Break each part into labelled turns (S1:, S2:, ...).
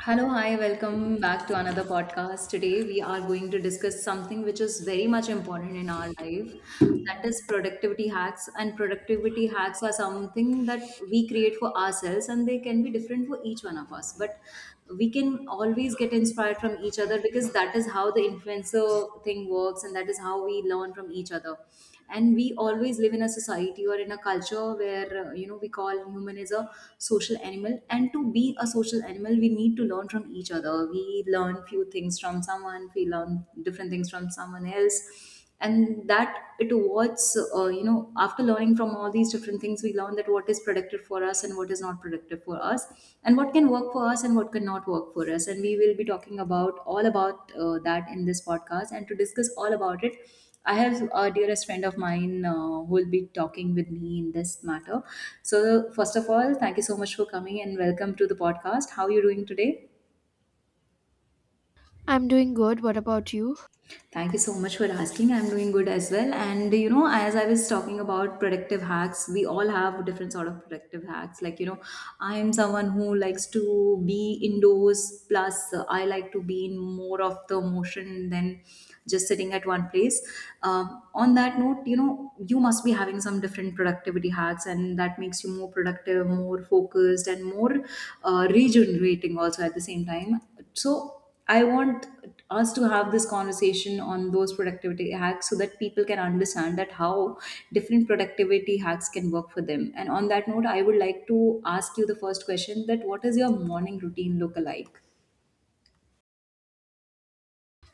S1: Hello, hi, welcome back to another podcast. Today, we are going to discuss something which is very much important in our life, that is productivity hacks. And productivity hacks are something that we create for ourselves, and they can be different for each one of us. But we can always get inspired from each other because that is how the influencer thing works, and that is how we learn from each other, and we always live in a society or in a culture where we call human is a social animal, and to be a social animal we need to learn from each other. We learn few things from someone, we learn different things from someone else, and that it was you know, after learning from all these different things, we learn that what is productive for us and what is not productive for us, and what can work for us and what cannot work for us. And we will be talking about all about that in this podcast, and to discuss all about it, I have a dearest friend of mine who will be talking with me in this matter. So, first of all, thank you so much for coming and welcome to the podcast. How are you doing today?
S2: I'm doing good. What about you?
S1: Thank you so much for asking. I'm doing good as well. And you know, as I was talking about productive hacks, we all have different sort of productive hacks. Like you know, I am someone who likes to be indoors. Plus, I like to be in more of the motion than just sitting at one place. On that note, you know, you must be having some different productivity hacks, and that makes you more productive, more focused, and more regenerating also at the same time. So I want us to have this conversation on those productivity hacks so that people can understand that how different productivity hacks can work for them. And on that note, I would like to ask you the first question, that what is your morning routine look like?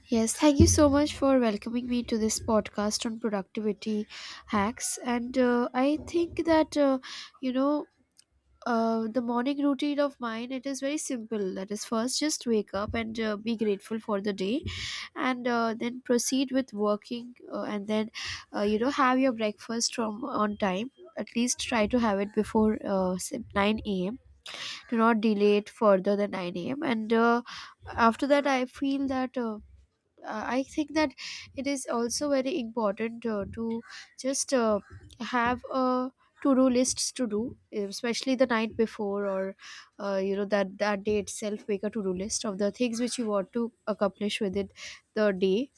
S2: Yes, thank you so much for welcoming me to this podcast on productivity hacks. And I think that, you know, the morning routine of mine, it is very simple, that is, first just wake up and be grateful for the day, and then proceed with working, and then, have your breakfast from on time, at least try to have it before, say, 9 a.m. Do not delay it further than 9 a.m. And after that, I feel that, I think that it is also very important, to just, have a to-do lists to do, especially the night before, or that day itself, make a to-do list of the things which you want to accomplish within the day,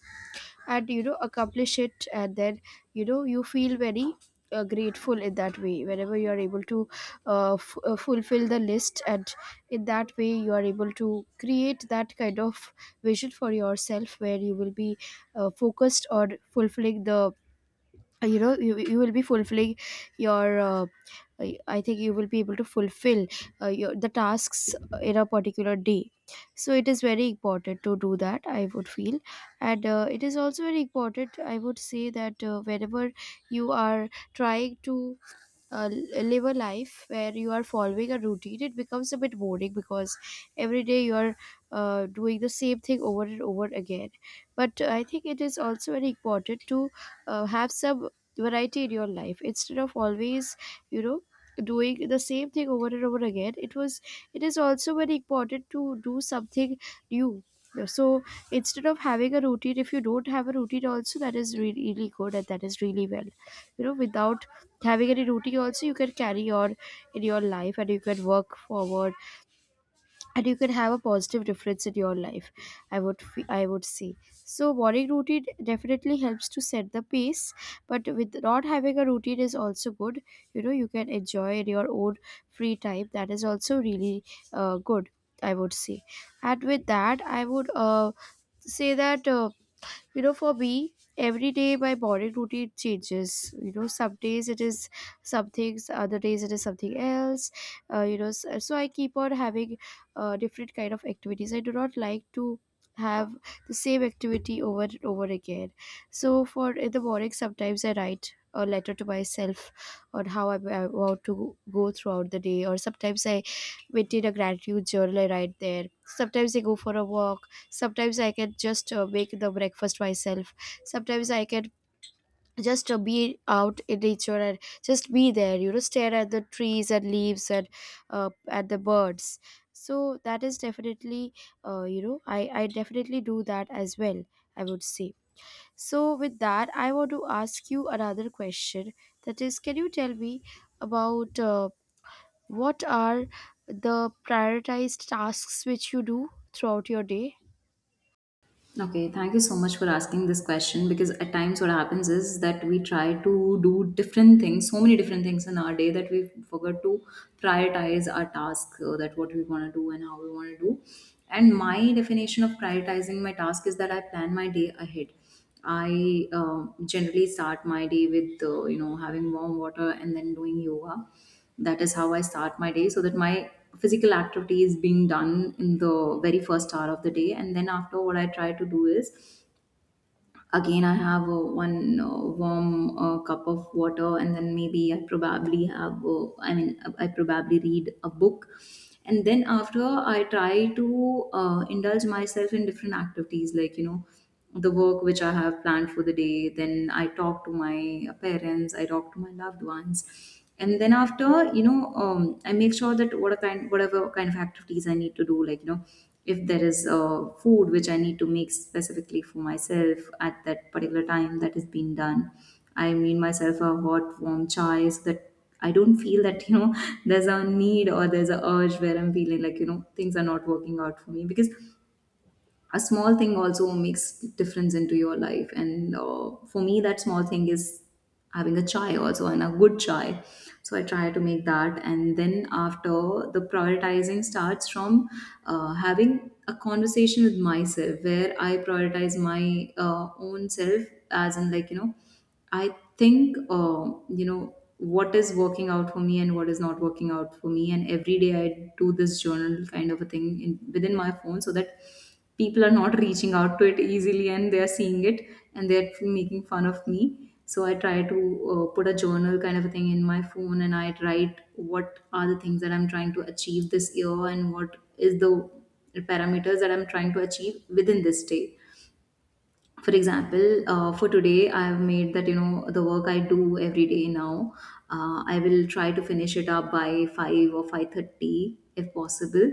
S2: and accomplish it, and then you feel very, grateful in that way, whenever you are able to, fulfill the list, and in that way you are able to create that kind of vision for yourself, where you will be focused on fulfilling the, you will be fulfilling your, i I think you will be able to fulfill, your the tasks, in a particular day. So it is very important to do that, I would feel. And it is also very important, I would say, that whenever you are trying to, uh, live a life where you are following a routine, it becomes a bit boring, because every day you are, doing the same thing over and over again. But I think it is also very important to, have some variety in your life, instead of always, you know doing the same thing over and over again. It is also very important to do something new. So instead of having a routine, if you don't have a routine also, that is really, really good, and that is really well. Without having any routine also, you can carry on in your life, and you can work forward, and you can have a positive difference in your life, I would say. So morning routine definitely helps to set the pace, but with not having a routine is also good. You can enjoy in your own free time, that is also really, good, I would say. And with that, I would, say that, for me, every day my morning routine changes. Some days it is some things, other days it is something else. So I keep on having different kind of activities, I do not like to have the same activity over and over again. So for in the morning, sometimes I write a letter to myself on how I want to go throughout the day, or sometimes I maintain a gratitude journal. I write there. Sometimes I go for a walk, sometimes I can just make the breakfast myself, sometimes I can just be out in nature and just be there, stare at the trees and leaves and, uh, at the birds. So that is definitely, I definitely do that as well, I would say. So with that, I want to ask you another question, that is, can you tell me about, what are the prioritized tasks which you do throughout your day?
S1: Okay, thank you so much for asking this question, because at times what happens is that we try to do different things, so many different things in our day that we forget to prioritize our task, that what we want to do and how we want to do. And my definition of prioritizing my task is that I plan my day ahead. I generally start my day with you know, having warm water and then doing yoga. That is how I start my day, so that my physical activity is being done in the very first hour of the day. And then after, what I try to do is, again I have one warm cup of water, and then maybe I probably have I probably read a book. And then after, I try to indulge myself in different activities, like you know, the work which I have planned for the day. Then I talk to my parents, I talk to my loved ones, and then after, you know, I make sure that what kind, whatever kind of activities I need to do, like you know, if there is food which I need to make specifically for myself at that particular time, that is being done. I mean myself a hot warm chai, so that I don't feel that, you know, there's a need or there's a urge where I'm feeling like, you know, things are not working out for me, because a small thing also makes difference into your life. And for me, that small thing is having a chai also, and a good chai. So I try to make that. And then after, the prioritizing starts from having a conversation with myself, where I prioritize my own self, as in like, you know, I think, you know, what is working out for me and what is not working out for me. And every day I do this journal kind of a thing in, within my phone, so that people are not reaching out to it easily and they are seeing it and they're making fun of me. So I try to put a journal kind of a thing in my phone, and I write what are the things that I'm trying to achieve this year, and what is the parameters that I'm trying to achieve within this day. For example, for today, I have made that, you know, the work I do every day now, I will try to finish it up by 5 or 5:30 if possible.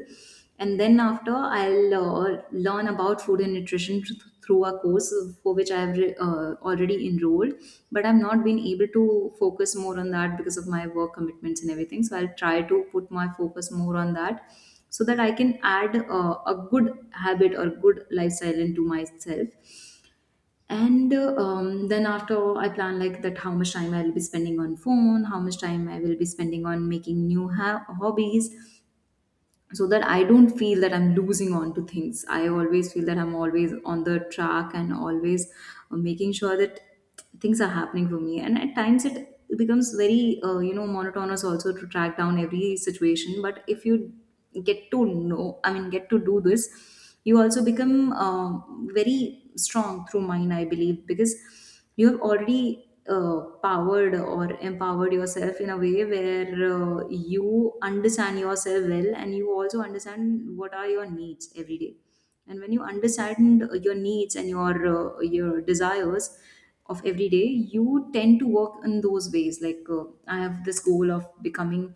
S1: And then after, I'll learn about food and nutrition through a course, for which I have already enrolled, but I've not been able to focus more on that because of my work commitments and everything. So I'll try to put my focus more on that, so that I can add a good habit or good lifestyle into myself. And then after, I plan like that how much time I will be spending on phone, how much time I will be spending on making new hobbies, so that I don't feel that I'm losing on to things. I always feel that I'm always on the track and always making sure that things are happening for me. And at times it becomes very, you know, monotonous also to track down every situation. But if you get to know, I mean, get to do this, you also become very strong through mind, I believe, because you have already powered or empowered yourself in a way where you understand yourself well, and you also understand what are your needs every day. And when you understand your needs and your desires of every day, you tend to work in those ways. Like I have this goal of becoming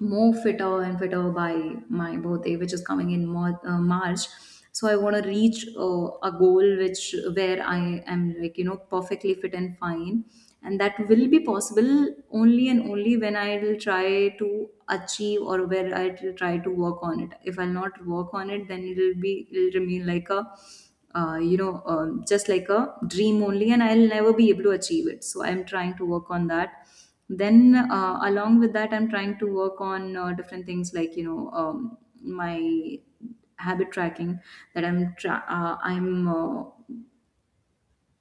S1: more fitter and fitter by my birthday, which is coming in March. So I want to reach a goal which, where I am, like you know, perfectly fit and fine, and that will be possible only and only when I will try to achieve, or where I will try to work on it. If I'll not work on it, then it'll be, it'll remain like a just like a dream only, and I'll never be able to achieve it. So I'm trying to work on that. Then, along with that, I'm trying to work on different things, like you know, my habit tracking. That I'm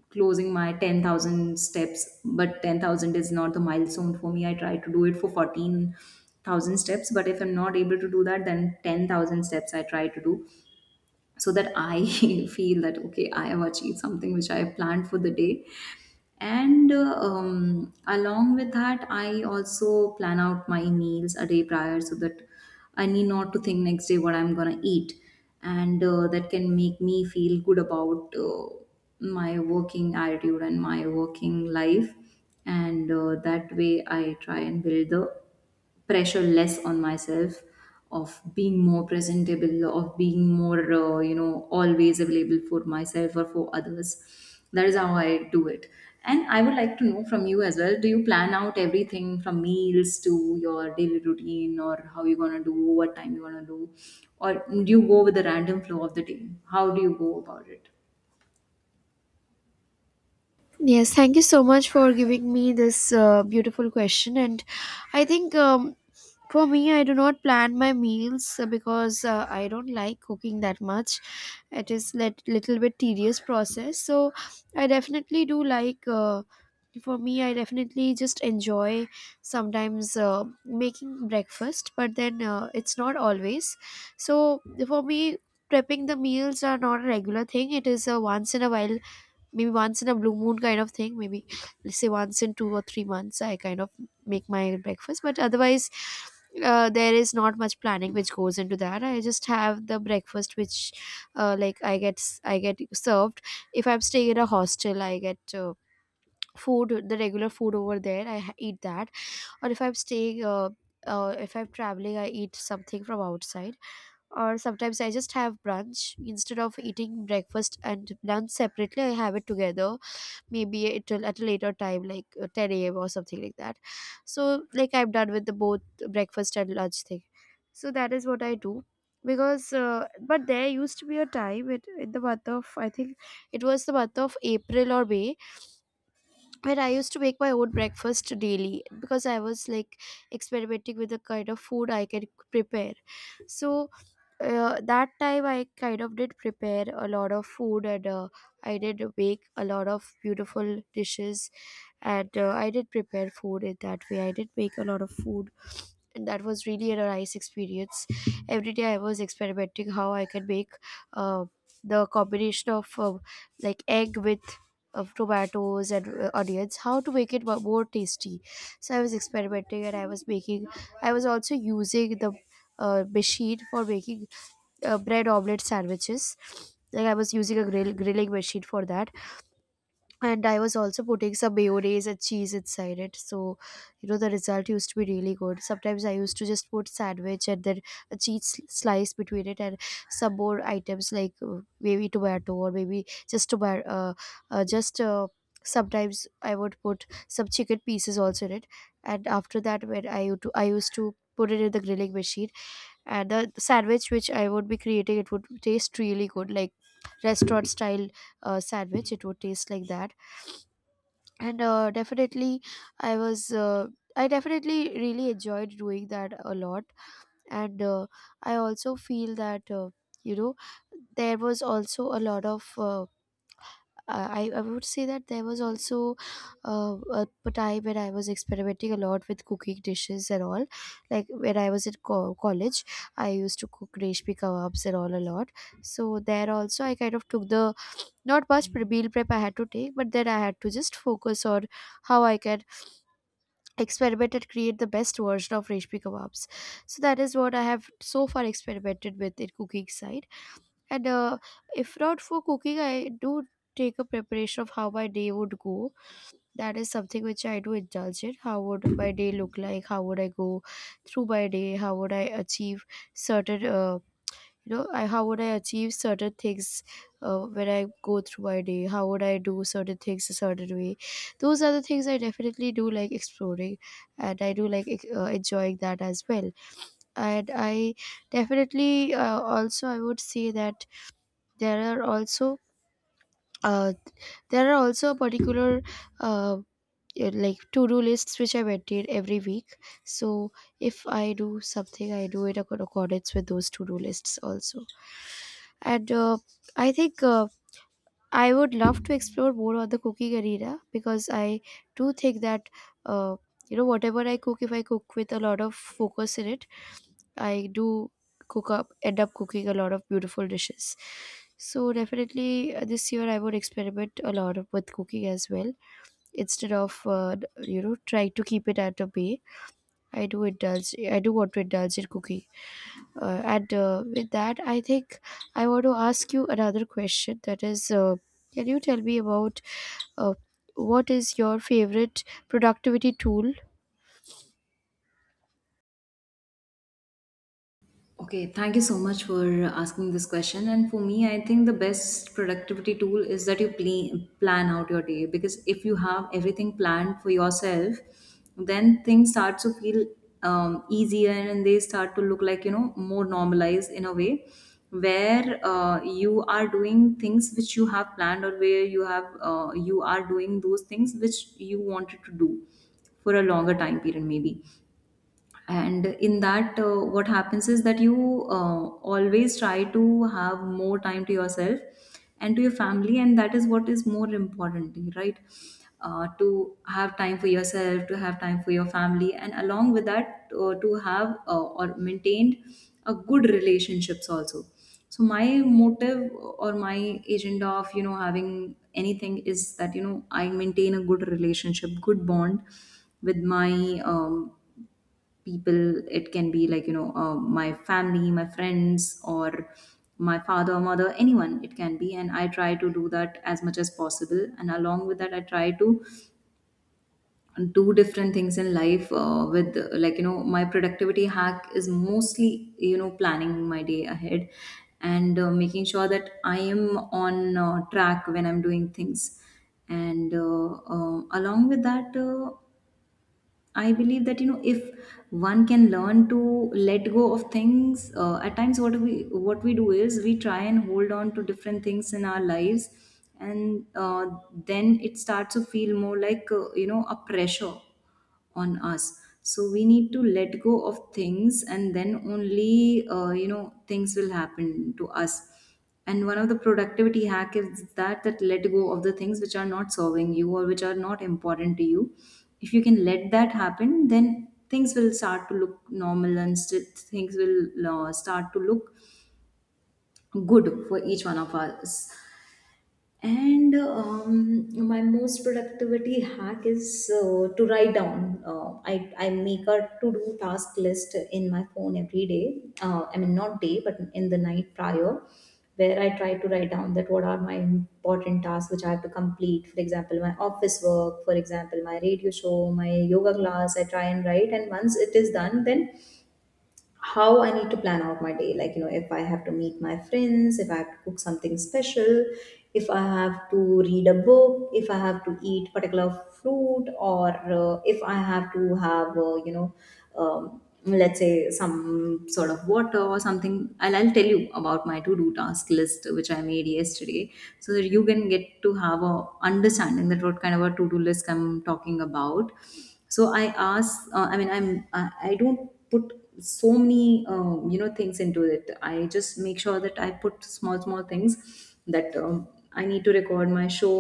S1: closing my 10,000 steps, but 10,000 is not the milestone for me. I try to do it for 14,000 steps, but if I'm not able to do that, then 10,000 steps I try to do, so that I feel that, okay, I have achieved something which I planned for the day. And along with that, I also plan out my meals a day prior, so that I need not to think next day what I'm gonna eat. And that can make me feel good about my working attitude and my working life. And that way, I try and build the pressure less on myself, of being more presentable, of being more, you know, always available for myself or for others. That is how I do it. And I would like to know from you as well, do you plan out everything, from meals to your daily routine, or how you're going to do, what time you're going to do, or do you go with the random flow of the day? How do you go about it?
S2: Yes, thank you so much for giving me this beautiful question. And I think, for me, I do not plan my meals, because I don't like cooking that much. It is let little bit tedious process. So I definitely do like. For me, I definitely just enjoy sometimes making breakfast, but then it's not always. So for me, prepping the meals are not a regular thing. It is a once in a while, maybe once in a blue moon kind of thing, maybe let's say once in 2 or 3 months I kind of make my breakfast, but otherwise there is not much planning which goes into that. I just have the breakfast which, like I get served, if I'm staying at a hostel, I get food, the regular food over there, I eat that, or if I'm staying, if I'm traveling, I eat something from outside, or sometimes I just have brunch. Instead of eating breakfast and lunch separately, I have it together, maybe it will at a later time, like 10 a.m. or something like that, so like I'm done with the both breakfast and lunch thing. So that is what I do, because but there used to be a time, in the month of, I think it was the month of April or May, where I used to make my own breakfast daily, because I was like experimenting with the kind of food I can prepare. So that time I kind of did prepare a lot of food, and I did make a lot of beautiful dishes, and I did prepare food in that way. I did make a lot of food, and that was really a nice experience. Every day I was experimenting how I can make, uh, the combination of, like egg with of tomatoes and, onions, how to make it more tasty. So I was experimenting, and I was making, I was also using the machine for making bread omelette sandwiches, like I was using a grilling machine for that. And I was also putting some mayonnaise and cheese inside it. So, the result used to be really good. Sometimes I used to just put sandwich and then a cheese slice between it, and some more items like, maybe tomato, or maybe just tomato. Just sometimes I would put some chicken pieces also in it. And after that, when I used to put it in the grilling machine, and the sandwich which I would be creating, it would taste really good, like restaurant style, sandwich, it would taste like that. And definitely, i was uh, I definitely really enjoyed doing that a lot. And I also feel that, you know there was also a lot of, I would say that there was also, a time when I was experimenting a lot with cooking dishes and all. Like when I was in college, I used to cook reshmi kebabs and all a lot. So there also, I kind of took the, not much meal prep I had to take, but then I had to just focus on how I can experimented create the best version of reshmi kebabs. So that is what I have so far experimented with in cooking side. And if not for cooking, I do take a preparation of how my day would go. That is something which I do indulge in, how would my day look like, how would I go through my day, how would I achieve certain, how would I achieve certain things, when I go through my day, how would I do certain things a certain way. Those are the things I definitely do like exploring, and I do like enjoying that as well. And I definitely, also, I would say that, there are also uh, there are also particular, uh, yeah, like to-do lists which I maintain every week. So if I do something, I do it in accordance with those to-do lists also. And I think I would love to explore more on the cooking arena, because I do think that, uh, whatever I cook, if I cook with a lot of focus in it, I do cook up end up cooking a lot of beautiful dishes. So definitely this year I would experiment a lot with cooking as well, instead of, trying to keep it at a bay. I do indulge, I do want to indulge in cooking, and with that I think I want to ask you another question, that is, can you tell me about, uh, what is your favorite productivity tool?
S1: Okay, thank you so much for asking this question. And for me, I think the best productivity tool is that you plan out your day, because if you have everything planned for yourself, then things start to feel easier, and they start to look, like, more normalized, in a way where you are doing things which you have planned, or where you have you are doing those things which you wanted to do for a longer time period maybe. And in that, what happens is that you, always try to have more time to yourself and to your family, and that is what is more important, right? To have time for yourself, to have time for your family, and along with that, to have, or maintained a good relationships also. So my motive or my agenda of, you know, having anything is that, you know, I maintain a good relationship, good bond with my, people. It can be like, you know, my family, my friends, or my father, mother, anyone it can be, and I try to do that as much as possible. And along with that, I try to do different things in life, with, like, you know, my productivity hack is mostly, you know, planning my day ahead, and making sure that I am on track when I'm doing things. And along with that, I believe that, you know, if one can learn to let go of things, at times, what we do is, we try and hold on to different things in our lives. And then it starts to feel more like, you know, a pressure on us. So we need to let go of things, and then only, you know, things will happen to us. And one of the productivity hack is that let go of the things which are not serving you or which are not important to you. If you can let that happen, then things will start to look normal, and things will start to look good for each one of us. And my most productivity hack is, to write down. I make a to do task list in my phone every day. I mean, not day, but in the night prior, where I try to write down that what are my important tasks which I have to complete. For example, my office work, for example, my radio show, my yoga class. I try and write. And once it is done, then how I need to plan out my day. Like, if I have to meet my friends, if I have to cook something special, if I have to read a book, if I have to eat particular fruit, or if I have to have, you know, let's say some sort of water or something. I'll tell you about my to-do task list, which I made yesterday, so that you can get to have a understanding that what kind of a to-do list I'm talking about. So I ask, I mean, I don't put so many, you know, things into it. I just make sure that I put small small things, that I need to record my show,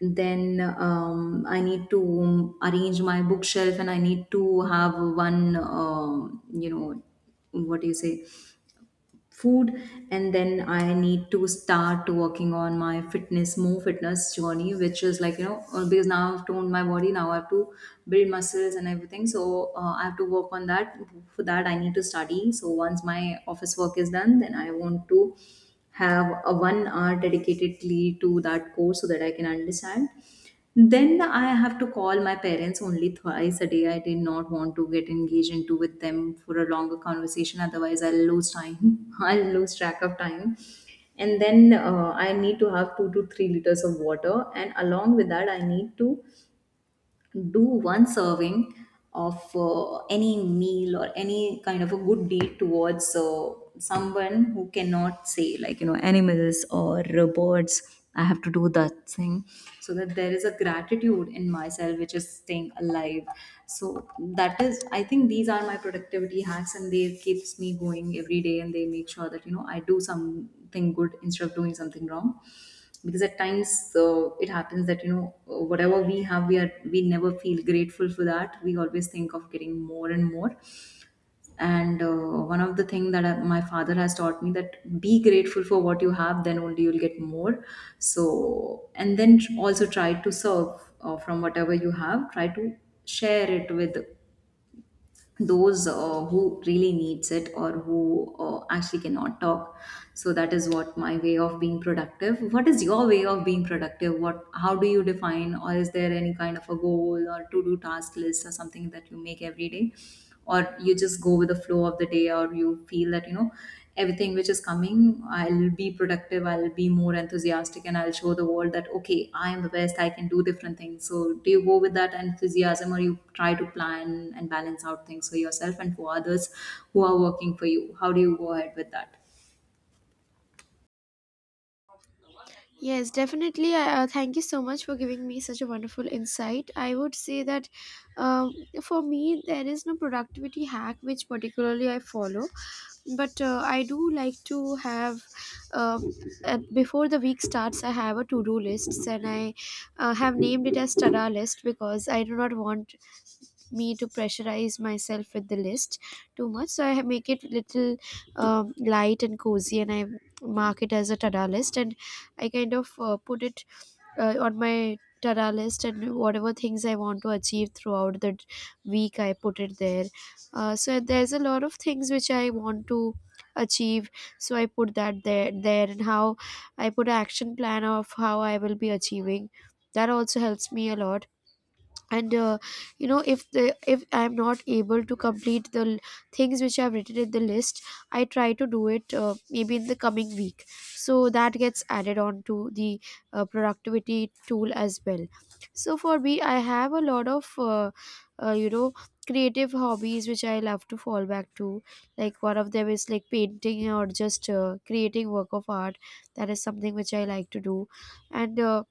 S1: then I need to arrange my bookshelf, and I need to have one, you know, what do you say, food. And then I need to start working on my fitness, more fitness journey, which is like, you know, because now I've toned my body, now I have to build muscles and everything, so I have to work on that. For that, I need to study. So once my office work is done, then I want to have a 1 hour dedicatedly to that course, so that I can understand. Then I have to call my parents only twice a day. I did not want to get engaged into with them for a longer conversation, otherwise I'll lose time. I'll lose track of time. And then I need to have 2 to 3 liters of water. And along with that, I need to do one serving of, any meal or any kind of a good deed towards, someone who cannot say, like, you know, animals or, birds. I have to do that thing, so that there is a gratitude in myself, which is staying alive. So that is, I think, these are my productivity hacks, and they keeps me going every day, and they make sure that, you know, I do something good instead of doing something wrong. Because at times, it happens that, you know, whatever we have, we never feel grateful for that. We always think of getting more and more. And one of the thing that, my father has taught me, that be grateful for what you have, then only you'll get more. So and then also try to serve, from whatever you have, try to share it with those, who really needs it, or who, actually cannot talk. So that is what, my way of being productive. What is your way of being productive? What, how do you define? Or is there any kind of a goal or to do task list or something that you make every day? Or you just go with the flow of the day, or you feel that, you know, everything which is coming, I'll be productive, I'll be more enthusiastic, and I'll show the world that, okay, I am the best, I can do different things. So do you go with that enthusiasm, or you try to plan and balance out things for yourself and for others who are working for you? How do you go ahead with that?
S2: Yes, definitely. Thank you so much for giving me such a wonderful insight. I would say that um, for me, there is no productivity hack which particularly I follow, but I do like to have um, before the week starts, I have a to do list and I have named it as Tada list because I do not want me to pressurize myself with the list too much, so I make it little light and cozy, and I mark it as a tada list and I kind of put it on my tada list, and whatever things I want to achieve throughout the week I put it there. So there's a lot of things which I want to achieve, so I put that there, and how I put an action plan of how I will be achieving that also helps me a lot. And if the if I'm not able to complete the things which I've written in the list, I try to do it maybe in the coming week, so that gets added on to the productivity tool as well. So for me, I have a lot of uh, you know creative hobbies which I love to fall back to, like one of them is like painting or just creating work of art. That is something which I like to do. And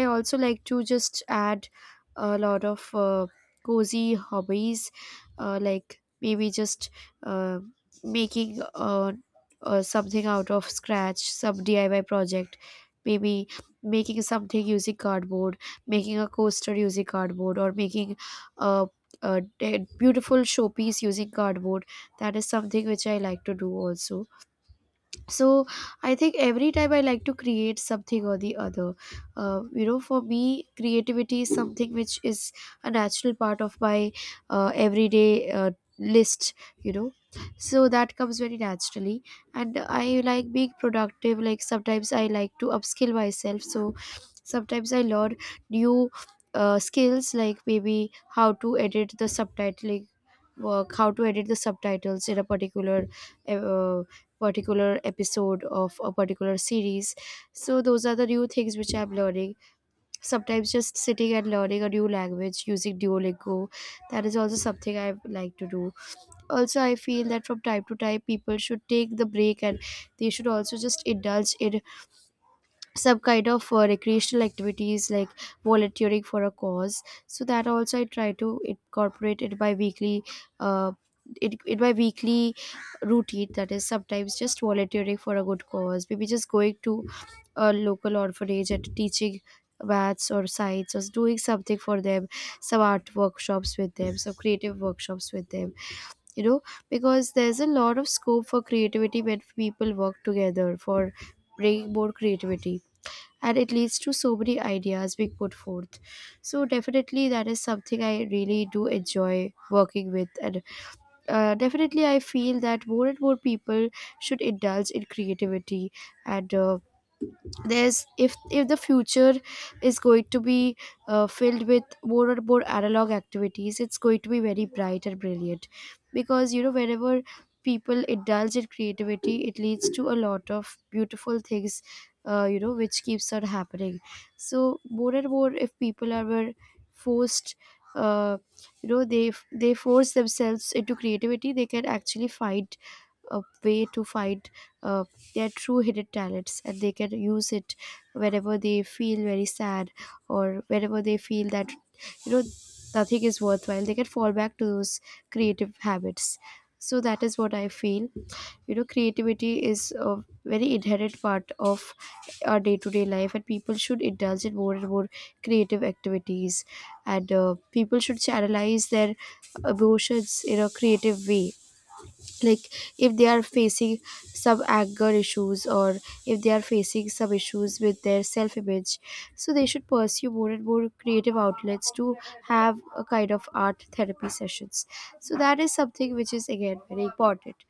S2: I also like to just add a lot of cozy hobbies, like maybe just uh, making something out of scratch, some diy project, maybe making something using cardboard, making a coaster using cardboard, or making a, a beautiful showpiece using cardboard. That is something which I like to do also. So I think every time I like to create something or the other. For me, creativity is something which is a natural part of my everyday list, you know, so that comes very naturally. And I like being productive. Like sometimes I like to upskill myself, so sometimes I learn new skills, like maybe how to edit the subtitling work, how to edit the subtitles in a uh, particular episode of a particular series. So those are the new things which I'm learning. Sometimes just sitting and learning a new language using Duolingo, that is also something I like to do. Also I feel that from time to time people should take the break, and they should also just indulge in some kind of recreational activities, like volunteering for a cause. So that also I try to incorporate uh, in my weekly routine. That is sometimes just volunteering for a good cause, maybe just going to a local orphanage and teaching maths or science, or doing something for them, some art workshops with them, some creative workshops with them, you know, because there's a lot of scope for creativity when people work together for bringing more creativity, and it leads to so many ideas being put forth. So definitely that is something I really do enjoy working with. And definitely I feel that more and more people should indulge in creativity. And there's if the future is going to be filled with more and more analog activities, it's going to be very bright and brilliant, because you know, whenever people indulge in creativity, it leads to a lot of beautiful things, which keeps on happening. So more and more, if people are were forced, uh, they force themselves into creativity, they can actually find a way to find, uh, they are true hidden talents, and they can use it whenever they feel very sad, or whenever they feel that, you know, nothing is worthwhile, they can fall back to those creative habits. So that is what I feel. You know, creativity is a very inherent part of our day-to-day life, and people should indulge in more and more creative activities. And people should channelize their emotions in a creative way, like if they are facing some anger issues, or if they are facing some issues with their self image, so they should pursue more and more creative outlets to have a kind of art therapy sessions. So that is something which is again very important.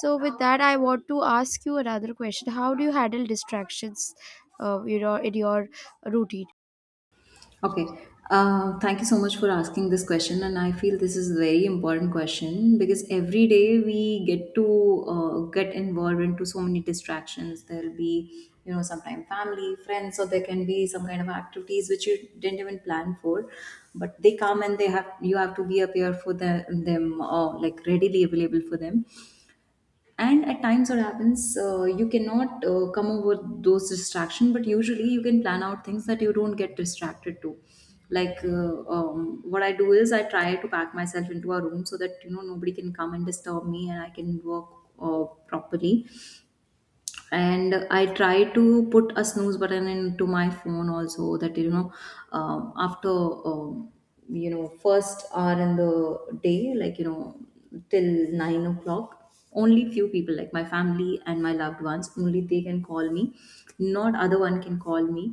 S2: So with that, I want to ask you another question: how do you handle distractions in your routine?
S1: Okay. Thank you so much for asking this question, and I feel this is a very important question, because every day we get to get involved into so many distractions. There'll be, you know, sometimes family, friends, or there can be some kind of activities which you didn't even plan for, but they come, and they have, you have to be, appear for them, or like readily available for them. And at times what happens, you cannot come over those distractions, but usually you can plan out things that you don't get distracted to. Like, what I do is, I try to pack myself into a room, so that, you know, nobody can come and disturb me, and I can work properly. And I try to put a snooze button into my phone also, that, you know, after, um, you know, first hour in the day, like, you know, till 9 o'clock, only few people, like my family and my loved ones, only they can call me, not other one can call me.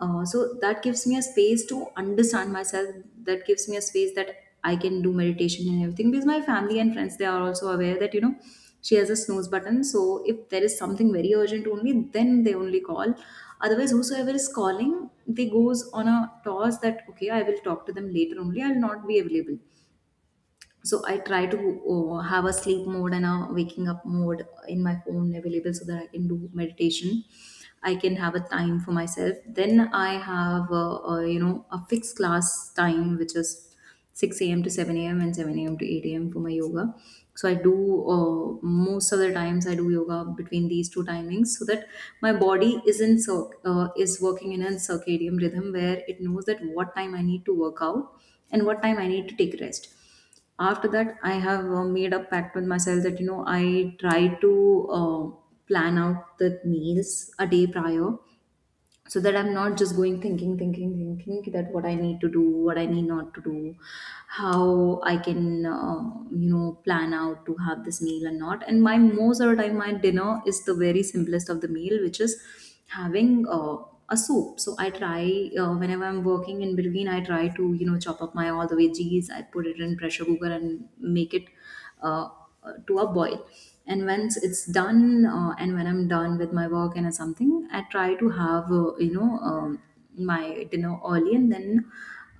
S1: So that gives me a space to understand myself. That gives me a space that I can do meditation and everything, because my family and friends, they are also aware that, you know, she has a snooze button. So if there is something very urgent only, then they only call. Otherwise, whosoever is calling, they goes on a toss that, okay, I will talk to them later only. I'll not be available. So I try to have a sleep mode and a waking up mode in my phone available, so that I can do meditation, I can have a time for myself. Then I have a, you know, a fixed class time, which is 6 a.m. to 7 a.m., and 7 a.m. to 8 a.m. for my yoga. So I do, most of the times I do yoga between these two timings, so that my body is working in a circadian rhythm, where it knows that what time I need to work out and what time I need to take rest. After that, I have made a pact with myself, that, you know, I try to plan out the meals a day prior, so that I'm not just going thinking that what I need to do, what I need not to do, how I can, you know, plan out to have this meal and not. And my most of the time, my dinner is the very simplest of the meal, which is having, a soup. So I try, whenever I'm working in between, I try to, you know, chop up my all the veggies, I put it in pressure cooker, and make it uh, to a boil. And once it's done, and when I'm done with my work and something, I try to have you know, my dinner early, and then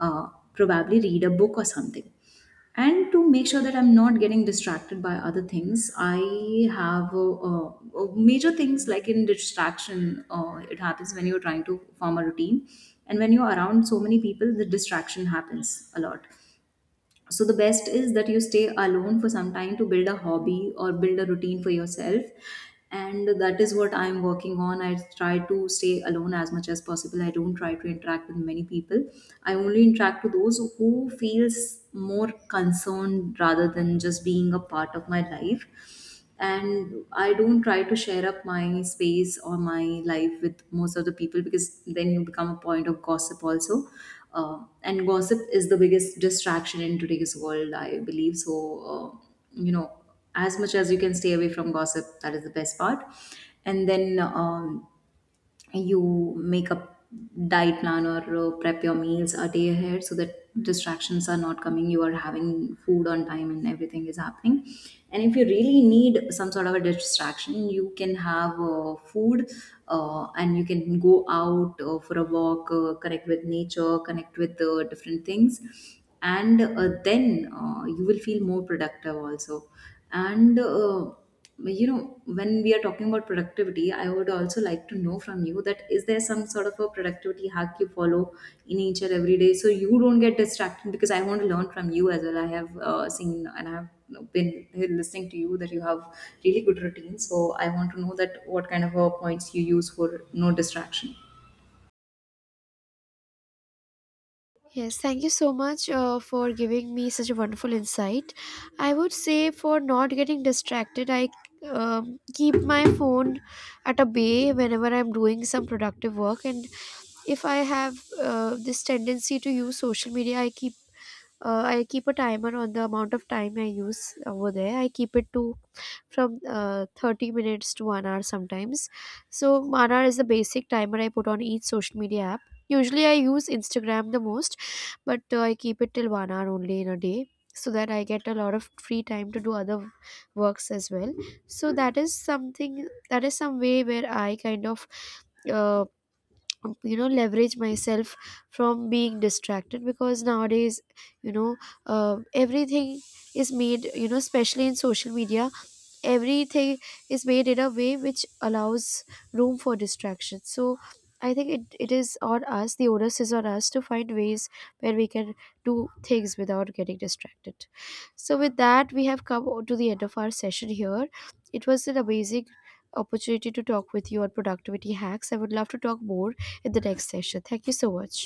S1: uh, probably read a book or something. And to make sure that I'm not getting distracted by other things, I have major things like in distraction. It happens when you're trying to form a routine, and when you're around so many people, the distraction happens a lot. So the best is that you stay alone for some time to build a hobby or build a routine for yourself. And that is what I'm working on. I try to stay alone as much as possible. I don't try to interact with many people, I only interact with those who feels more concerned rather than just being a part of my life. And I don't try to share up my space or my life with most of the people, because then you become a point of gossip also. And gossip is the biggest distraction in today's world, I believe. So uh, you know, as much as you can stay away from gossip, that is the best part. And then you make a diet plan or prep your meals a day ahead, so that distractions are not coming, you are having food on time, and everything is happening. And if you really need some sort of a distraction, you can have food, and you can go out for a walk, connect with nature, connect with different things, and then you will feel more productive also. And you know, when we are talking about productivity, I would also like to know from you, that is there some sort of a productivity hack you follow in each and every day, so you don't get distracted? Because I want to learn from you as well. I have seen, and I have, you know, been listening to you, that you have really good routine. So I want to know that what kind of points you use for no distraction.
S2: Yes, thank you so much for giving me such a wonderful insight. I would say for not getting distracted, I keep my phone at a bay whenever I'm doing some productive work. And if I have this tendency to use social media, I keep, I keep a timer on the amount of time I use over there. I keep it to from 30 minutes to 1 hour sometimes. So 1 hour is the basic timer I put on each social media app. Usually I use Instagram the most, but I keep it till 1 hour only in a day, so that I get a lot of free time to do other works as well. So that is something, that is some way where I kind of uh, leverage myself from being distracted, because nowadays, you know, everything is made, you know, especially in social media, everything is made in a way which allows room for distraction. So I think it is on us, the onus is on us to find ways where we can do things without getting distracted. So with that, we have come to the end of our session here. It was an amazing opportunity to talk with you on productivity hacks. I would love to talk more in the next session. Thank you so much.